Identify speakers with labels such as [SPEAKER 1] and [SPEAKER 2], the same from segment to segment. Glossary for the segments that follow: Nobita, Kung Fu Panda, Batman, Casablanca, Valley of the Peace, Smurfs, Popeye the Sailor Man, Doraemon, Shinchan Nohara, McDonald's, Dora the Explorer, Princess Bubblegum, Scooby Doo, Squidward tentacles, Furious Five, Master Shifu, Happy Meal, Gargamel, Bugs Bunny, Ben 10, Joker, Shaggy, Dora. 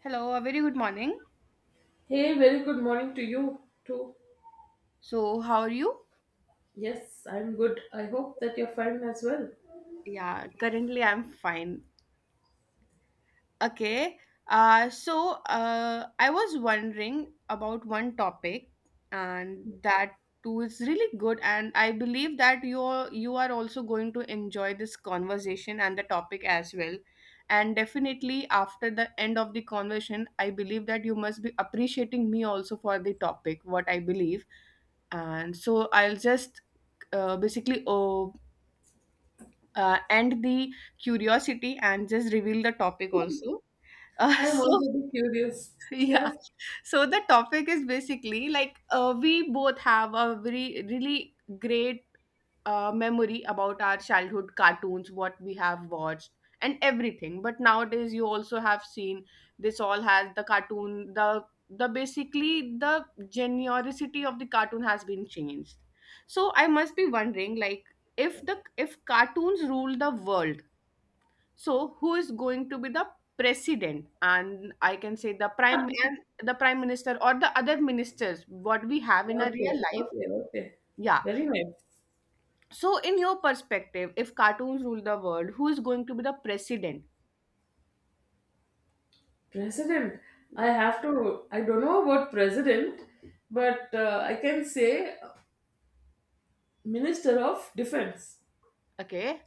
[SPEAKER 1] Hello, a very good morning.
[SPEAKER 2] Hey, very good morning to you too.
[SPEAKER 1] So, how are you?
[SPEAKER 2] Yes, I'm good. I hope that you're fine as well.
[SPEAKER 1] Yeah, currently I'm fine. Okay. Uh, so I was wondering about one topic, and that too is really good. And I believe that you are also going to enjoy this conversation and the topic as well. And definitely after the end of the conversation, I believe that you must be appreciating me also for the topic, what I believe, and so I'll just basically and the curiosity and just reveal the topic also. Uh,
[SPEAKER 2] I'm
[SPEAKER 1] so
[SPEAKER 2] already curious.
[SPEAKER 1] yeah,
[SPEAKER 2] Yes.
[SPEAKER 1] so the topic is basically like, we both have a very really great memory about our childhood cartoons, what we have watched and everything. But nowadays, you also have seen this all has the cartoon the basically the generosity of the cartoon has been changed. So I must be wondering like, if cartoons rule the world, so who is going to be the president, and I can say the prime and the prime minister or the other ministers what we have in our
[SPEAKER 2] Okay,
[SPEAKER 1] real life.
[SPEAKER 2] okay, okay.
[SPEAKER 1] Yeah,
[SPEAKER 2] Very nice.
[SPEAKER 1] so in your perspective, if cartoons rule the world, who is going to be the president?
[SPEAKER 2] President.
[SPEAKER 1] Yeah.
[SPEAKER 2] I don't know about president, but I can say Minister of Defense,
[SPEAKER 1] Okay.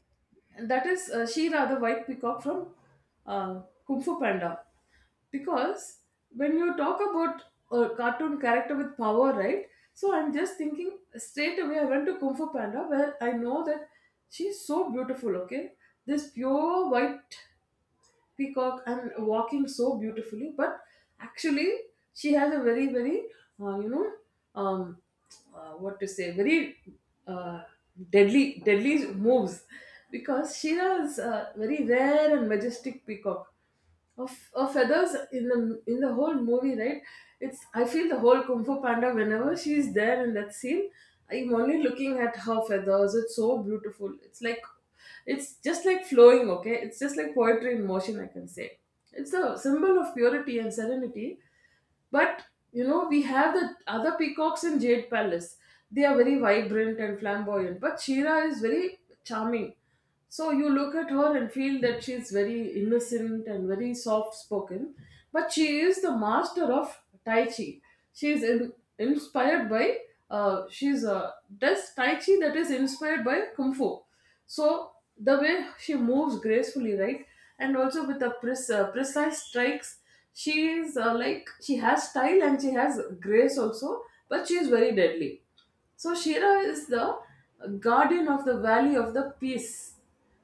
[SPEAKER 2] that is Shira, the white peacock from uh, Kung Fu Panda. Because when you talk about a cartoon character with power, right? So I'm just thinking straight away. I went to Kung Fu Panda where I know that she's so beautiful. Okay, this pure white peacock and walking so beautifully, but actually she has a very very uh, you know um, what to say very uh, deadly moves, because she has a very rare and majestic peacock of feathers in the whole movie, right? it's I feel the whole Kung Fu Panda, whenever she's there in that scene I'm only looking at her feathers. It's so beautiful. It's just like flowing. Okay, it's just like poetry in motion, I can say. It's a symbol of purity and serenity, but we have the other peacocks in Jade Palace. They are very vibrant and flamboyant, but Shira is very charming. So you look at her and feel that she's very innocent and very soft spoken, but she is the master of Tai Chi. She is in, inspired by, she's does Tai Chi that is inspired by Kung Fu. So the way she moves gracefully, right, and also with the precise strikes, she is like she has style and she has grace also, but she is very deadly. So Shira is the guardian of the Valley of the Peace,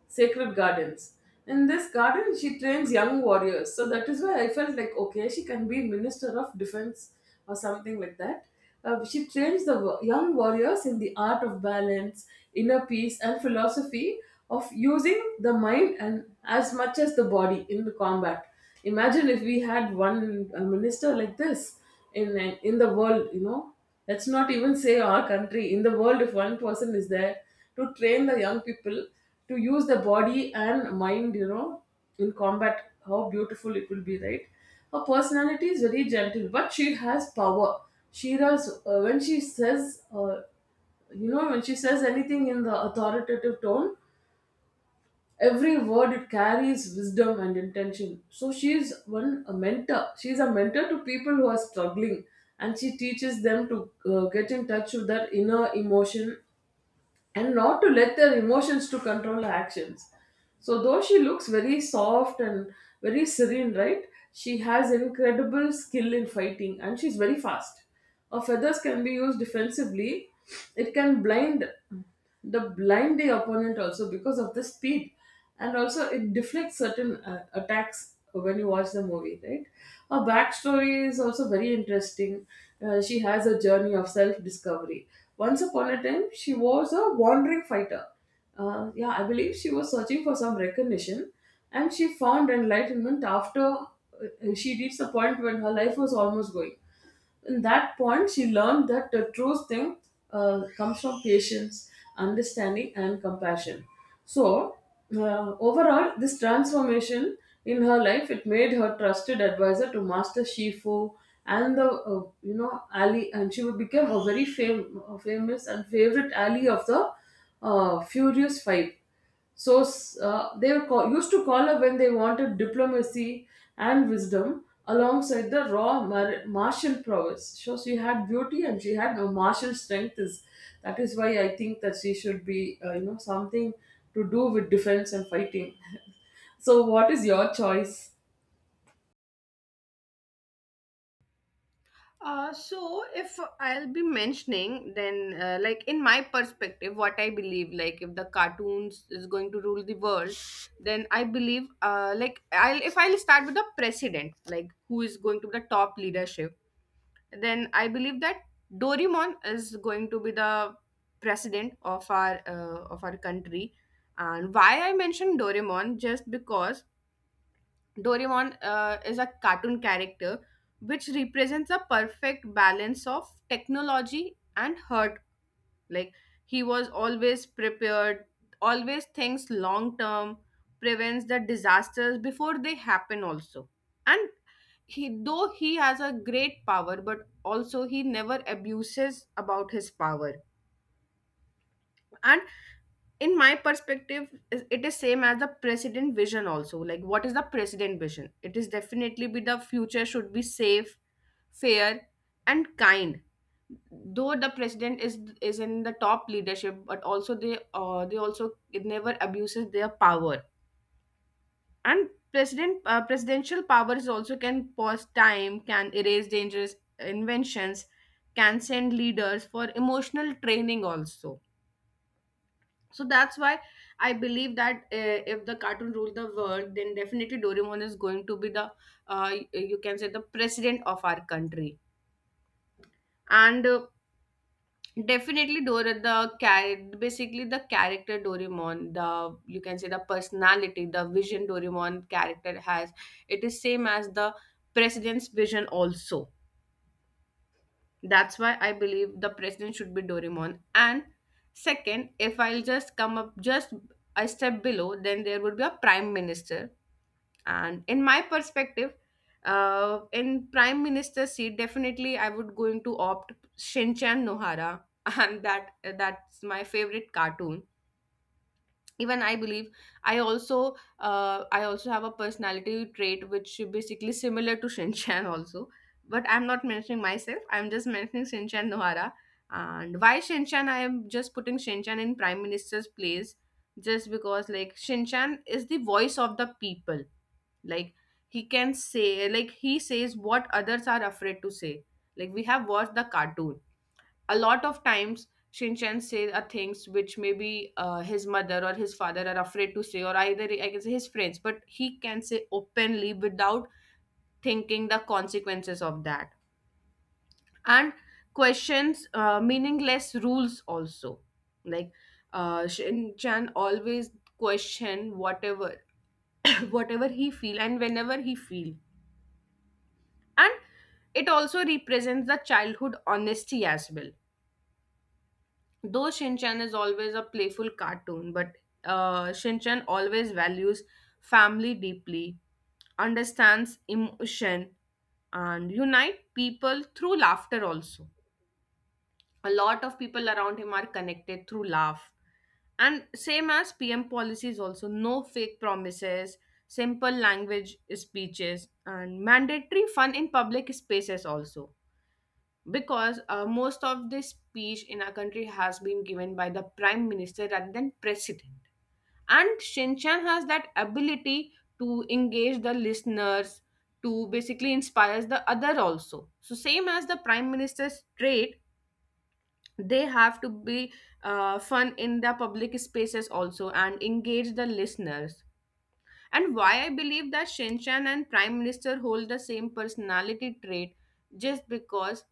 [SPEAKER 2] sacred gardens. In this garden, she trains young warriors. So that is why I felt like, okay, she can be Minister of Defense or something like that. She trains young warriors in the art of balance, inner peace, and philosophy of using the mind and as much as the body in the combat. Imagine if we had one minister like this in the world. Let's not even say our country. In the world, if one person is there to train the young people to use the body and mind, in combat, how beautiful it will be, right? Her personality is very gentle, but she has power. She does, when she says, When she says anything in the authoritative tone, every word it carries wisdom and intention. So she is one a mentor. She is a mentor to people who are struggling, and she teaches them to get in touch with their inner emotion and not to let their emotions to control her actions. So, though she looks very soft and very serene, right, she has incredible skill in fighting, and she's very fast. Her feathers can be used defensively. It can blind the opponent also, because of the speed, and also it deflects certain attacks when you watch the movie, right? Her backstory is also very interesting. She has a journey of self-discovery. Once upon a time, she was a wandering fighter. Yeah, I believe she was searching for some recognition, and she found enlightenment after she reached the point when her life was almost going. In that point, she learned that the true strength comes from patience, understanding, and compassion. So, overall, this transformation in her life, it made her trusted advisor to Master Shifu, and the you know Ali, and she would become a very famous and favorite ally of the Furious Five. So they were used to call her when they wanted diplomacy and wisdom alongside the raw martial prowess. So she had beauty and she had a martial strength. Is that is why I think that she should be something to do with defense and fighting. So what is your choice?
[SPEAKER 1] So if I'll be mentioning, then like in my perspective what I believe, like if the cartoons is going to rule the world, then I believe, like I'll, if I'll start with the president, like who is going to be the top leadership, then I believe that Doraemon is going to be the president of our country. And why I mentioned Doraemon just because Doraemon is a cartoon character which represents a perfect balance of technology and heart. Like, he was always prepared, always thinks long term, prevents the disasters before they happen also. And he, though he has a great power, but also he never abuses about his power. And in my perspective, it is same as the president vision also. Like, what is the president vision? It is definitely be the future should be safe, fair, and kind. Though the president is in the top leadership, but also they, they also it never abuses their power. And presidential powers also can pause time, can erase dangerous inventions, can send leaders for emotional training also. So that's why I believe that, if the cartoon rule the world, then definitely Doraemon is going to be the, uh, you can say, the president of our country. And definitely basically the character Doraemon, the, you can say, the personality, the vision Doraemon character has, it is same as the president's vision also. That's why I believe the president should be Doraemon. And second, if I'll just come up just a step below, then there would be a prime minister. And in my perspective, in prime minister seat, definitely I would going to opt Shinchan Nohara. And that's my favorite cartoon. Even I believe I also, I also have a personality trait which is basically similar to Shinchan also. But I'm not mentioning myself, I'm just mentioning Shinchan Nohara. And why Shinchan, I am just putting Shinchan in prime minister's place, just because like Shinchan is the voice of the people. Like, he can say, like, he says what others are afraid to say. Like, we have watched the cartoon a lot of times. Shinchan say, things which maybe, his mother or his father are afraid to say, or either I can say his friends, but he can say openly without thinking the consequences of that. And questions meaningless rules also. Like, Shinchan always question whatever whatever he feel and whenever he feel. And it also represents the childhood honesty as well. Though Shinchan is always a playful cartoon, but Shinchan always values family deeply, understands emotion, and unite people through laughter also. A lot of people around him are connected through laugh. And same as PM policies also: no fake promises, simple language speeches, and mandatory fun in public spaces also. Because, most of the speech in our country has been given by the prime minister rather than president. And Shinchan has that ability to engage the listeners, to basically inspires the other also. So same as the prime minister's trait, they have to be, fun in the public spaces also and engage the listeners. And why I believe that Shinchan and prime minister hold the same personality trait, just because,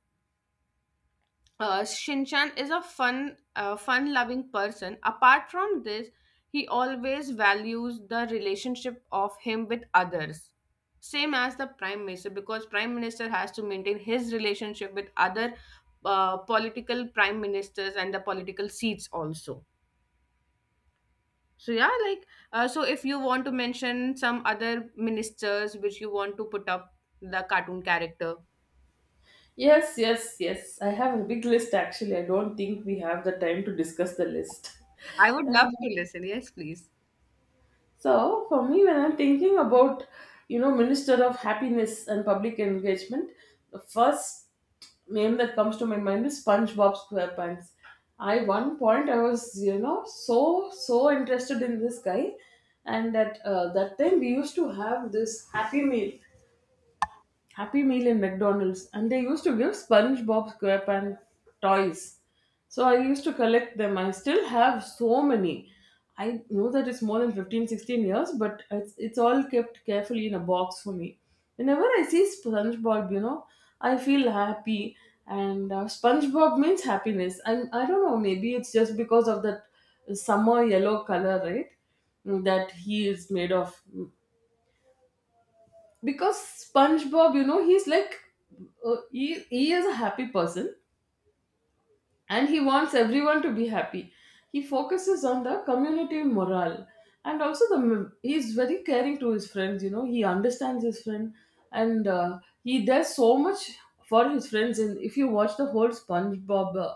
[SPEAKER 1] Shinchan is a fun, fun-loving person. Apart from this, he always values the relationship of him with others, same as the prime minister, because prime minister has to maintain his relationship with other, political prime ministers and the political seats also. So yeah, like, so, if you want to mention some other ministers which you want to put up the cartoon character,
[SPEAKER 2] Yes, yes, yes. I have a big list actually. I don't think we have the time to discuss the list.
[SPEAKER 1] I would love
[SPEAKER 2] Um,
[SPEAKER 1] to listen. Yes, please.
[SPEAKER 2] So for me, when I'm thinking about Minister of Happiness and Public Engagement, the first name that comes to my mind is SpongeBob SquarePants. I One point, I was so interested in this guy, and at that time we used to have this Happy Meal. Happy Meal in McDonald's, and they used to give SpongeBob SquarePants toys. So I used to collect them. I still have so many. I know that it's more than 15, 16 years, but it's all kept carefully in a box for me. Whenever I see SpongeBob, I feel happy. And SpongeBob means happiness. And I don't know, maybe it's just because of that summer yellow color, right? That he is made of, because SpongeBob, he's like he is a happy person, and he wants everyone to be happy. He focuses on the community morale, and also the he is very caring to his friends. He understands his friend, and he does so much for his friends. And if you watch the whole SpongeBob uh,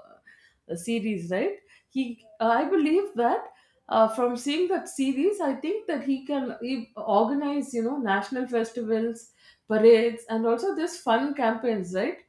[SPEAKER 2] uh, series, right? I believe that. From seeing that series, I think that he can he organize, national festivals, parades, and also this fun campaigns, right?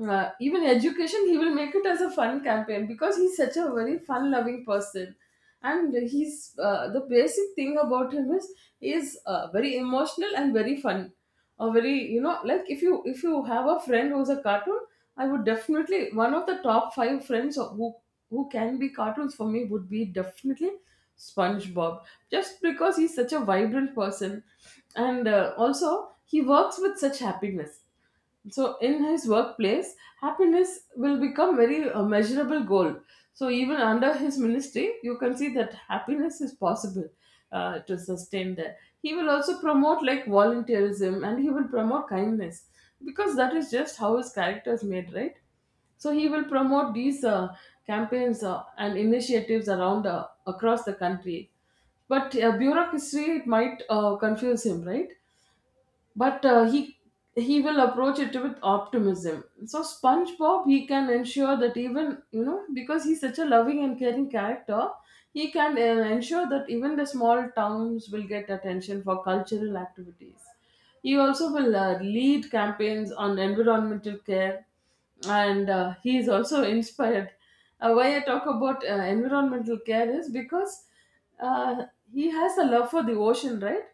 [SPEAKER 2] Even education, he will make it as a fun campaign, because he's such a very fun loving person, and he's the basic thing about him is very emotional and very fun, or very like, if you have a friend who's a cartoon, I would definitely one of the top five friends who can be cartoons for me would be definitely SpongeBob, just because he's such a vibrant person, and also he works with such happiness. So in his workplace, happiness will become very measurable goal. So even under his ministry, you can see that happiness is possible to sustain there. He will also promote like volunteerism, and he will promote kindness, because that is just how his character is made, right? So he will promote these campaigns and initiatives around across the country. But bureaucracy, it might confuse him, right? But he will approach it with optimism. So SpongeBob, he can ensure that, even because he's such a loving and caring character, he can ensure that even the small towns will get attention for cultural activities. He also will lead campaigns on environmental care, and he is also inspired. Why I talk about environmental care is because uh, he has a love for the ocean, right?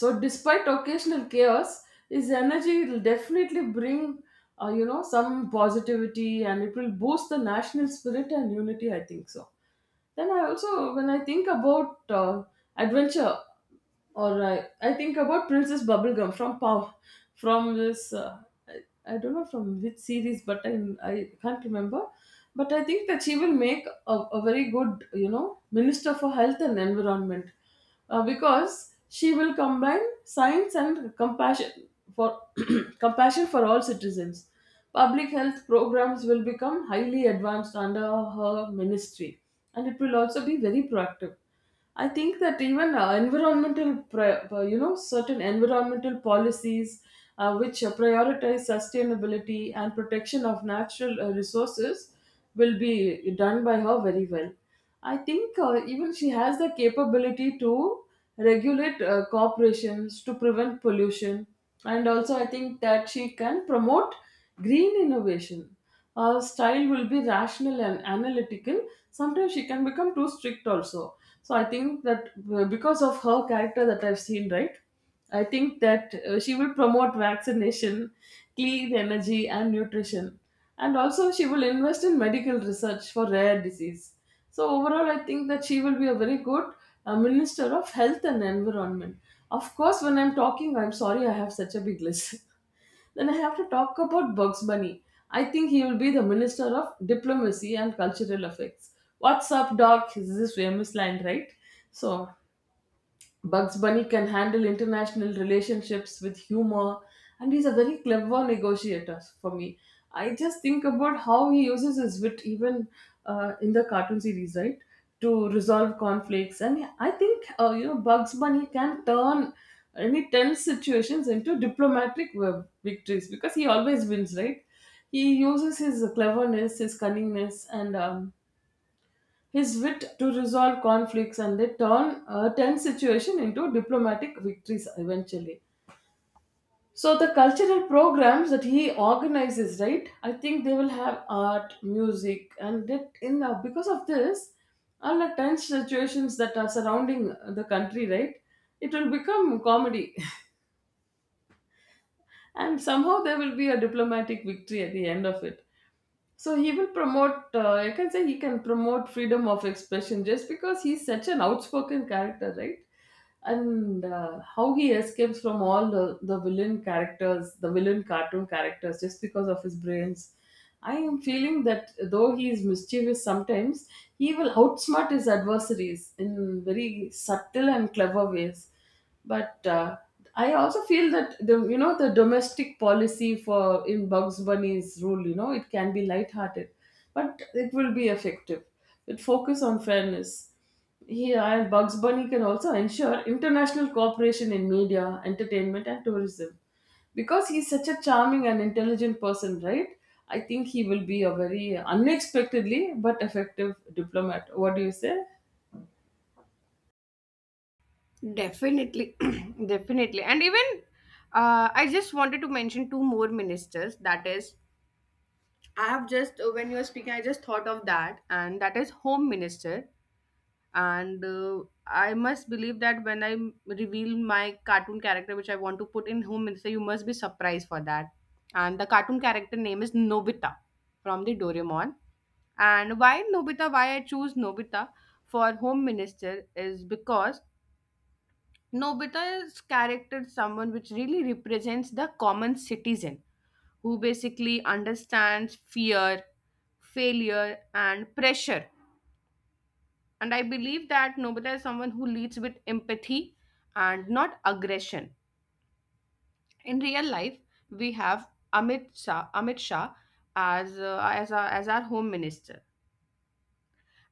[SPEAKER 2] So despite occasional chaos, his energy will definitely bring some positivity, and it will boost the national spirit and unity, I think so. Then I also, when I think about adventure, or I think about Princess Bubblegum from Pow, from this I don't know from which series, but I can't remember. But I think that she will make a very good minister for health and environment, because she will combine science and compassion for compassion for all citizens. Public health programs will become highly advanced under her ministry, and it will also be very proactive. I think that, even environmental, pri- you know, certain environmental policies, which prioritize sustainability and protection of natural resources will be done by her very well. I think, even she has the capability to regulate corporations to prevent pollution, and also I think that she can promote green innovation. Her style will be rational and analytical. Sometimes she can become too strict also. So I think that, because of her character that I've seen, right? I think that she will promote vaccination, clean energy, and nutrition. And also, she will invest in medical research for rare disease. So overall, I think that she will be a very good minister of health and environment. Of course, when I'm talking, I'm sorry, I have such a big list. Then I have to talk about Bugs Bunny. I think he will be the minister of diplomacy and cultural affairs. What's up, doc? This Is this famous line, right? So Bugs Bunny can handle international relationships with humor, and he's a very clever negotiator for me. I just think about how he uses his wit, even in the cartoon series, right, to resolve conflicts. And I think, Bugs Bunny can turn any tense situations into diplomatic victories, because he always wins, right? He uses his cleverness, his cunningness, and his wit to resolve conflicts, and they turn a tense situation into diplomatic victories eventually. So the cultural programs that he organizes, right? I think they will have art, music, and that in because of this, all the tense situations that are surrounding the country, right? It will become comedy, and somehow there will be a diplomatic victory at the end of it. So he will promote, I can say he can promote freedom of expression just because he's such an outspoken character, right? And how he escapes from all the villain characters, the villain cartoon characters, just because of his brains. I am feeling that though he is mischievous sometimes, he will outsmart his adversaries in very subtle and clever ways, but I also feel that the you know the domestic policy for in Bugs Bunny's rule, it can be lighthearted, but it will be effective. It focus on fairness. Here, and Bugs Bunny can also ensure international cooperation in media, entertainment, and tourism. Because he's such a charming and intelligent person, right? I think he will be a very unexpectedly but effective diplomat. What do you say?
[SPEAKER 1] Definitely, definitely. And even, I just wanted to mention two more ministers. That is, I have just, when you were speaking, I just thought of that, and that is Home Minister. And I must believe that when I reveal my cartoon character, which I want to put in Home Minister, you must be surprised for that. And the cartoon character name is Nobita from the Doraemon. And why Nobita, why I choose Nobita for Home Minister is because Nobita's character is someone which really represents the common citizen who basically understands fear, failure, and pressure. And I believe that Nobita is someone who leads with empathy and not aggression. In real life, we have Amit Shah, Amit Shah as our home minister.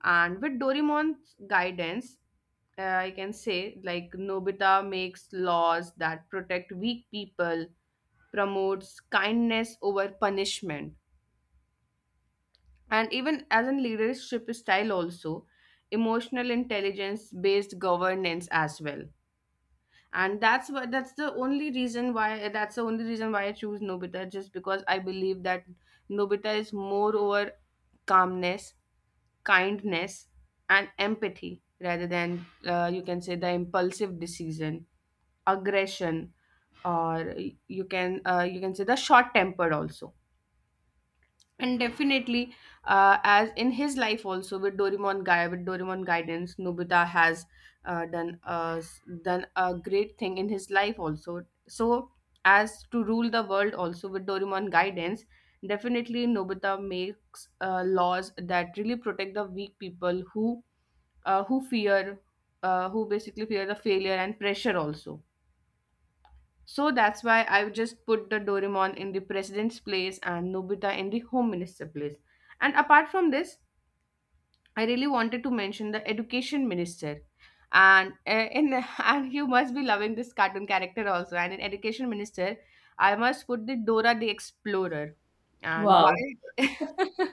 [SPEAKER 1] And with Doraemon's guidance, I can say like Nobita makes laws that protect weak people, promotes kindness over punishment, and even as in leadership style also, emotional intelligence based governance as well. And that's what that's the only reason why that's the only reason why I choose Nobita, just because I believe that Nobita is more over calmness, kindness, and empathy rather than, you can say, the impulsive decision, aggression, or you can, you can say, the short tempered also. And definitely, as in his life also, with Doraemon guidance, Nobita has, uh, done uh, done a great thing in his life also. So as to rule the world also, with Doraemon guidance, definitely Nobita makes, laws that really protect the weak people who, who fear, who basically fear the failure and pressure also. So that's why I just put the Doraemon in the president's place and Nobita in the home minister place. And apart from this, I really wanted to mention the education minister. And in and you must be loving this cartoon character also. And in education minister, I must put the Dora the Explorer. And
[SPEAKER 2] Wow,
[SPEAKER 1] why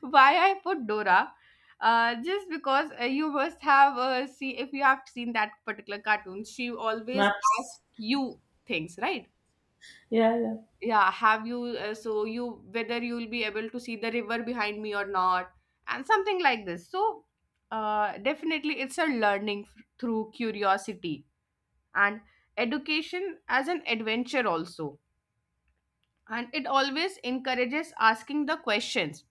[SPEAKER 1] why I put Dora? Just because, you must have, see, if you have seen that particular cartoon, she always asks
[SPEAKER 2] maps.
[SPEAKER 1] you things, right?
[SPEAKER 2] Yeah, yeah.
[SPEAKER 1] Yeah, have you, so you, whether you will be able to see the river behind me or not, and something like this. So, definitely it's a through curiosity and education as an adventure also. And it always encourages asking the questions.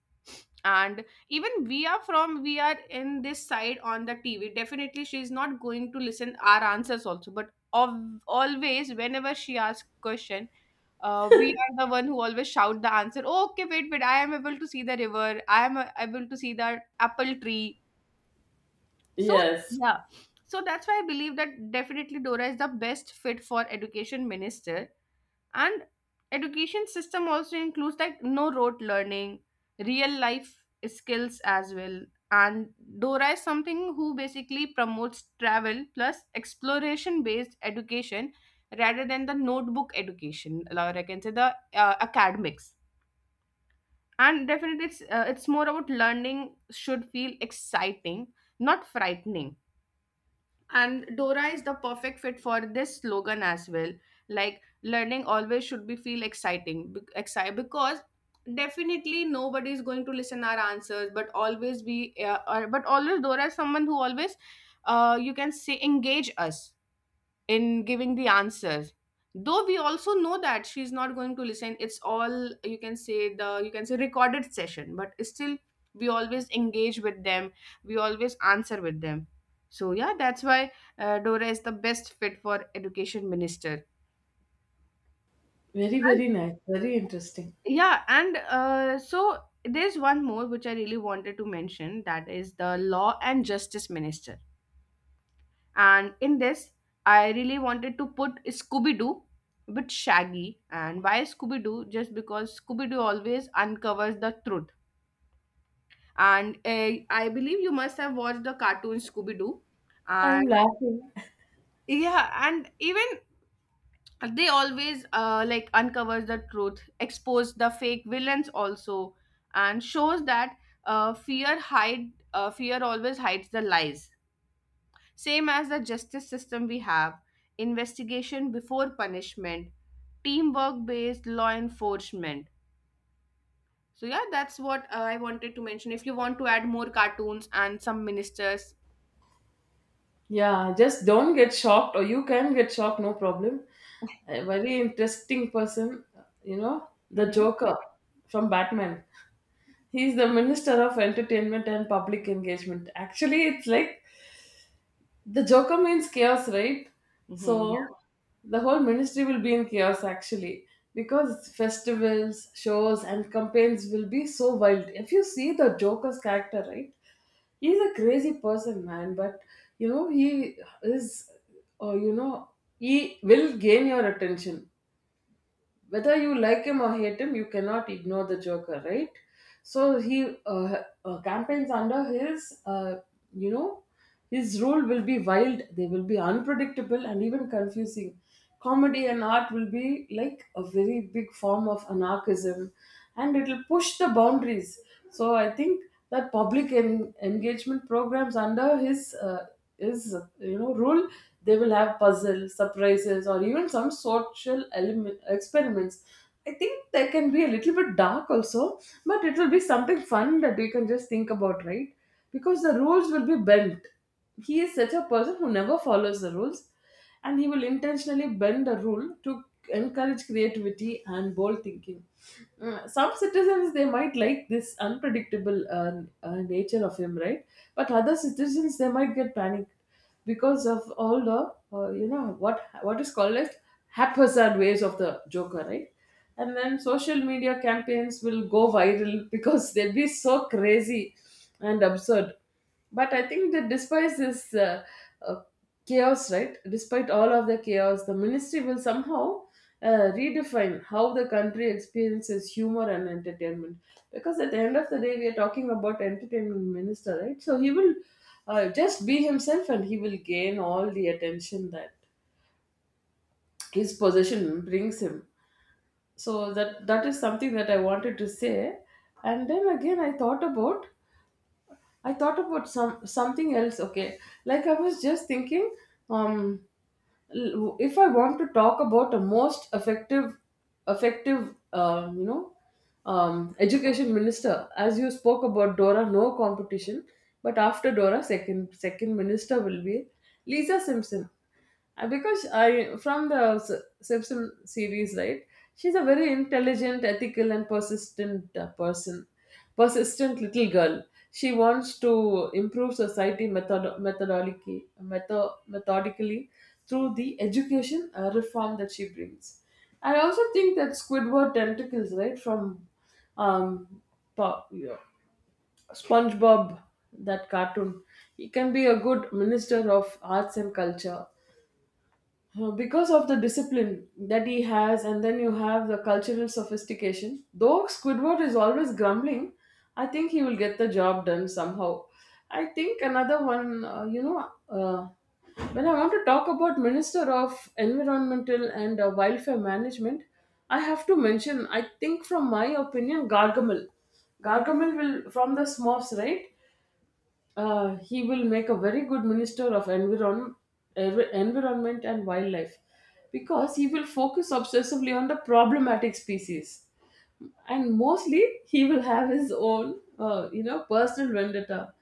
[SPEAKER 1] And even we are in this side on the TV, definitely she is not going to listen our answers also, but of, always whenever she asks question, we are the one who always shout the answer, "Oh, okay, wait, wait, I am able to see the river, I am, able to see the apple tree." So,
[SPEAKER 2] Yes.
[SPEAKER 1] yeah, so that's why I believe that definitely Dora is the best fit for education minister. And education system also includes like no rote learning, real life skills as well. And Dora is something who basically promotes travel plus exploration based education rather than the notebook education, or I can say the, academics. And definitely it's more about learning should feel exciting, not frightening. And Dora is the perfect fit for this slogan as well. Like, learning always should be feel exciting, excited, because definitely nobody is going to listen our answers, but always be, but always Dora is someone who always, you can say, engage us in giving the answers, though we also know that she's not going to listen. It's all, you can say, the, you can say, recorded session, but still we always engage with them, we always answer with them. So yeah, that's why, Dora is the best fit for education minister.
[SPEAKER 2] Very,
[SPEAKER 1] And
[SPEAKER 2] very nice. Very interesting.
[SPEAKER 1] yeah, and, so there's one more which I really wanted to mention, that is the law and justice minister. And in this, I really wanted to put Scooby Doo with Shaggy. And why Scooby Doo? Just because Scooby Doo always uncovers the truth. And I believe you must have watched the cartoon Scooby Doo. And
[SPEAKER 2] I'm laughing.
[SPEAKER 1] yeah, and even they always like uncovers the truth, expose the fake villains also, and shows that fear always hides the lies. Same as the justice system we have, investigation before punishment, teamwork based law enforcement. So, yeah, that's what I wanted to mention. If you want to add more cartoons and some ministers,
[SPEAKER 2] Yeah, just don't get shocked, or you can get shocked, no problem. A very interesting person, the
[SPEAKER 1] Mhm.
[SPEAKER 2] Joker from Batman. He's the Minister of Entertainment and Public Engagement. Actually, it's like the Joker means chaos, right?
[SPEAKER 1] Mhm.
[SPEAKER 2] So
[SPEAKER 1] Yeah,
[SPEAKER 2] the whole ministry will be in chaos actually, because festivals, shows, and campaigns will be so wild. If you see the Joker's character, right? He's a crazy person, man, but you know he is uh, you know he will gain your attention. Whether you like him or hate him, you cannot ignore the Joker, right? So he campaigns under his you know his role will be wild. They will be unpredictable and even confusing. Comedy and art will be like a very big form of anarchism, and it will push the boundaries. So I think that public engagement programs under his rule, they will have puzzles, surprises, or even some social element experiments. I think they can be a little bit dark also, but it will be something fun that we can just think about, right? Because the rules will be bent. He is such a person who never follows the rules, and he will intentionally bend a rule to encourage creativity and bold thinking. Some citizens, they might like this unpredictable nature of him, right? But other citizens, they might get panicked because of all the what is called as haphazard ways of the Joker, right? And then social media campaigns will go viral because they'll be so crazy and absurd. But I think that despite this uh, chaos, right, despite all of the chaos, the ministry will somehow redefine how the country experiences humor and entertainment. Because at the end of the day, we are talking about entertainment minister, right? So he will just be himself, and he will gain all the attention that his possession brings him. So that is something that I wanted to say. And then again, I thought about some something else. Okay, like I was just thinking, um, if I want to talk about a most effective, education minister, as you spoke about Dora, no competition, but after Dora, second minister will be Lisa Simpson. Because I from the S- Simpson series, right? She's a very intelligent, ethical, and persistent person. Persistent little girl. She wants to improve society methodically, methodically through the education reform that she brings. I also think that Squidward tentacles, right, from um, yeah, SpongeBob, that cartoon, he can be a good minister of arts and culture. Because of the discipline that he has, and then you have the cultural sophistication. Though Squidward is always grumbling, I think he will get the job done somehow. I think another one, when I want to talk about minister of environmental and wildlife management, I have to mention, I think from my opinion, Gargamel. Gargamel will from the Smurfs, right? He will make a very good minister of environment and wildlife, because he will focus obsessively on the problematic species, and mostly he will have his own personal vendetta.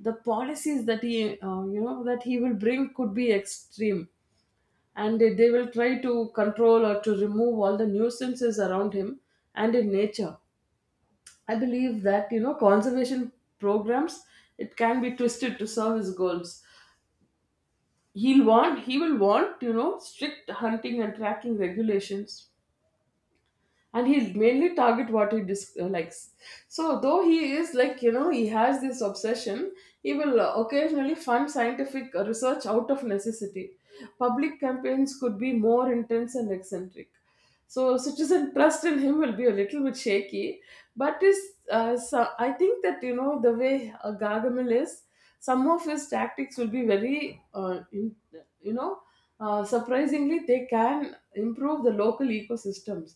[SPEAKER 2] The policies that he that he will bring could be extreme, and they will try to control or to remove all the nuisances around him and in nature. I believe that, you know, conservation programs, it can be twisted to serve his goals. He will want, you know, strict hunting and tracking regulations, and he'll mainly target what he likes. So though he is, like, you know, he has this obsession, he will occasionally fund scientific research out of necessity. Public campaigns could be more intense and eccentric, so citizen trust in him will be a little bit shaky. But is So I think that, you know, the way Gargamel is, some of his tactics will be very in, you know surprisingly, they can improve the local ecosystems.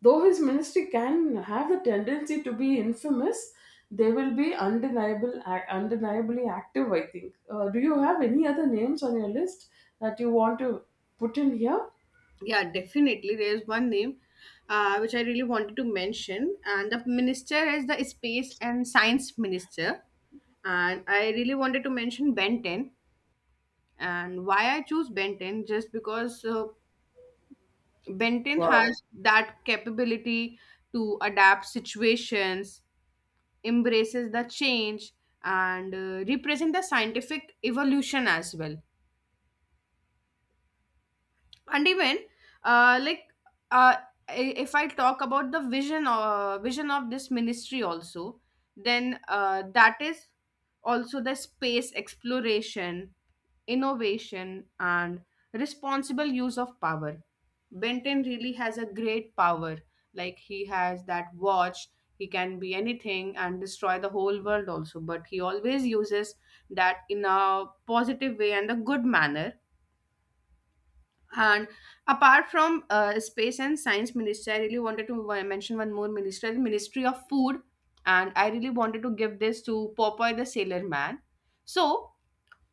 [SPEAKER 2] Though his ministry can have a tendency to be infamous, they will be undeniable, undeniably active, I think. Do you have any other names on your list that you want to put in here?
[SPEAKER 1] yeah, definitely. There is one name which I really wanted to mention, and the minister is the space and science minister. And I really wanted to mention Ben 10. And why I choose Ben 10, just because Benton
[SPEAKER 2] Wow.
[SPEAKER 1] has that capability to adapt situations, embraces the change, and represent the scientific evolution as well. And even uh, like uh, if I talk about the vision vision of this ministry also, then that is also the space exploration, innovation, and responsible use of power. Benton really has a great power, like he has that watch. He can be anything and destroy the whole world also, but he always uses that in a positive way and a good manner. And apart from space and science ministry, I really wanted to mention one more ministry, the Ministry of Food. And I really wanted to give this to Popeye the Sailor Man. So,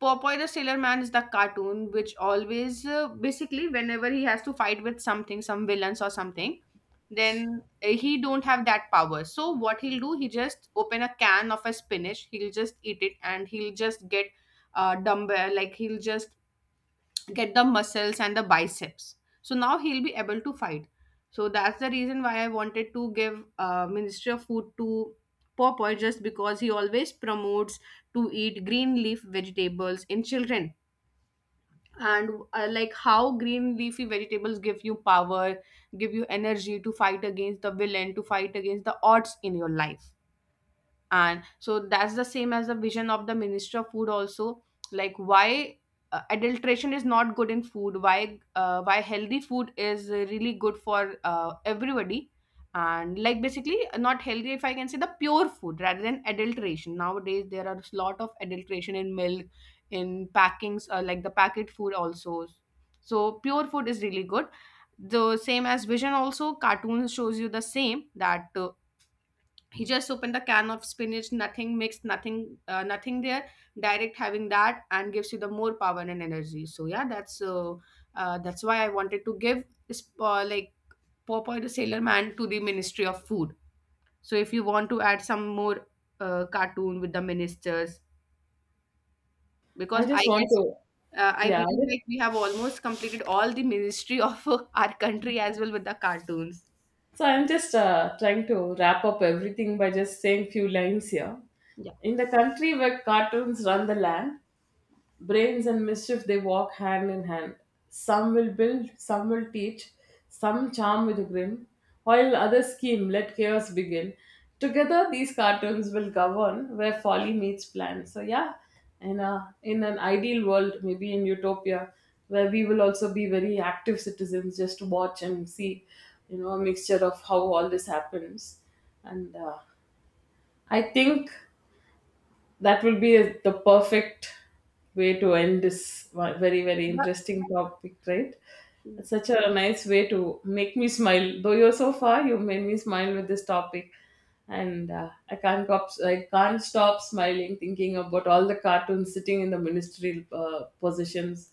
[SPEAKER 1] Popeye the Sailor Man is the cartoon which always, basically, whenever he has to fight with something, some villains or something, then he don't have that power. So, what he'll do, he just open a can of a spinach, he'll just eat it, and he'll just get dumbbell, like he'll just get the muscles and the biceps. So now he'll be able to fight. So that's the reason why I wanted to give ministry of food to Popeye, just because he always promotes to eat green leaf vegetables in children, and like how green leafy vegetables give you power, give you energy to fight against the villain, to fight against the odds in your life. And so that's the same as the vision of the minister of food also. Like why adulteration is not good in food, why healthy food is really good for everybody. And like basically not healthy, if I can say, the pure food rather than adulteration. Nowadays there are a lot of adulteration in milk, in packings, like the packet food also. So pure food is really good, the same as vision also. Cartoons shows you the same, that he just opened the can of spinach, nothing mixed, nothing, nothing there, direct having that, and gives you the more power and energy. So yeah, that's why I wanted to give this like Popeye the Sailor Man to the ministry of food. So if you want to add some more cartoon with the ministers,
[SPEAKER 2] I
[SPEAKER 1] because I
[SPEAKER 2] just want
[SPEAKER 1] guess
[SPEAKER 2] to,
[SPEAKER 1] I
[SPEAKER 2] yeah. I
[SPEAKER 1] believe
[SPEAKER 2] just,
[SPEAKER 1] like we have almost completed all the ministry of our country as well with the cartoons.
[SPEAKER 2] so I'm just trying to wrap up everything by just saying few lines here.
[SPEAKER 1] Yeah,
[SPEAKER 2] In the country where cartoons run the land, brains and mischief, they walk hand in hand. Some will build, some will teach, some charm with a grin, while others scheme, let chaos begin. Together, these cartoons will govern where folly meets plan. So, yeah, in an ideal world, maybe in utopia, where we will also be very active citizens just to watch and see, you know, a mixture of how all this happens. And I think that will be the perfect way to end this one- very very interesting topic, right?
[SPEAKER 1] yeah.
[SPEAKER 2] It's such a nice way to make me smile. Though you're so far, you made me smile with this topic. And I can't cop- I can't stop smiling thinking about all the cartoons sitting in the ministerial positions,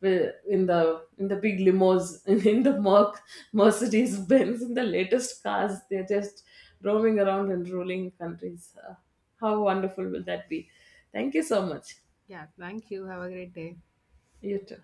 [SPEAKER 2] in the big limos the Mercedes Benz, in the latest cars, they're just roaming around in ruling countries. How wonderful will that be? Thank you so much.
[SPEAKER 1] Yeah, thank you, have a great day.
[SPEAKER 2] You too.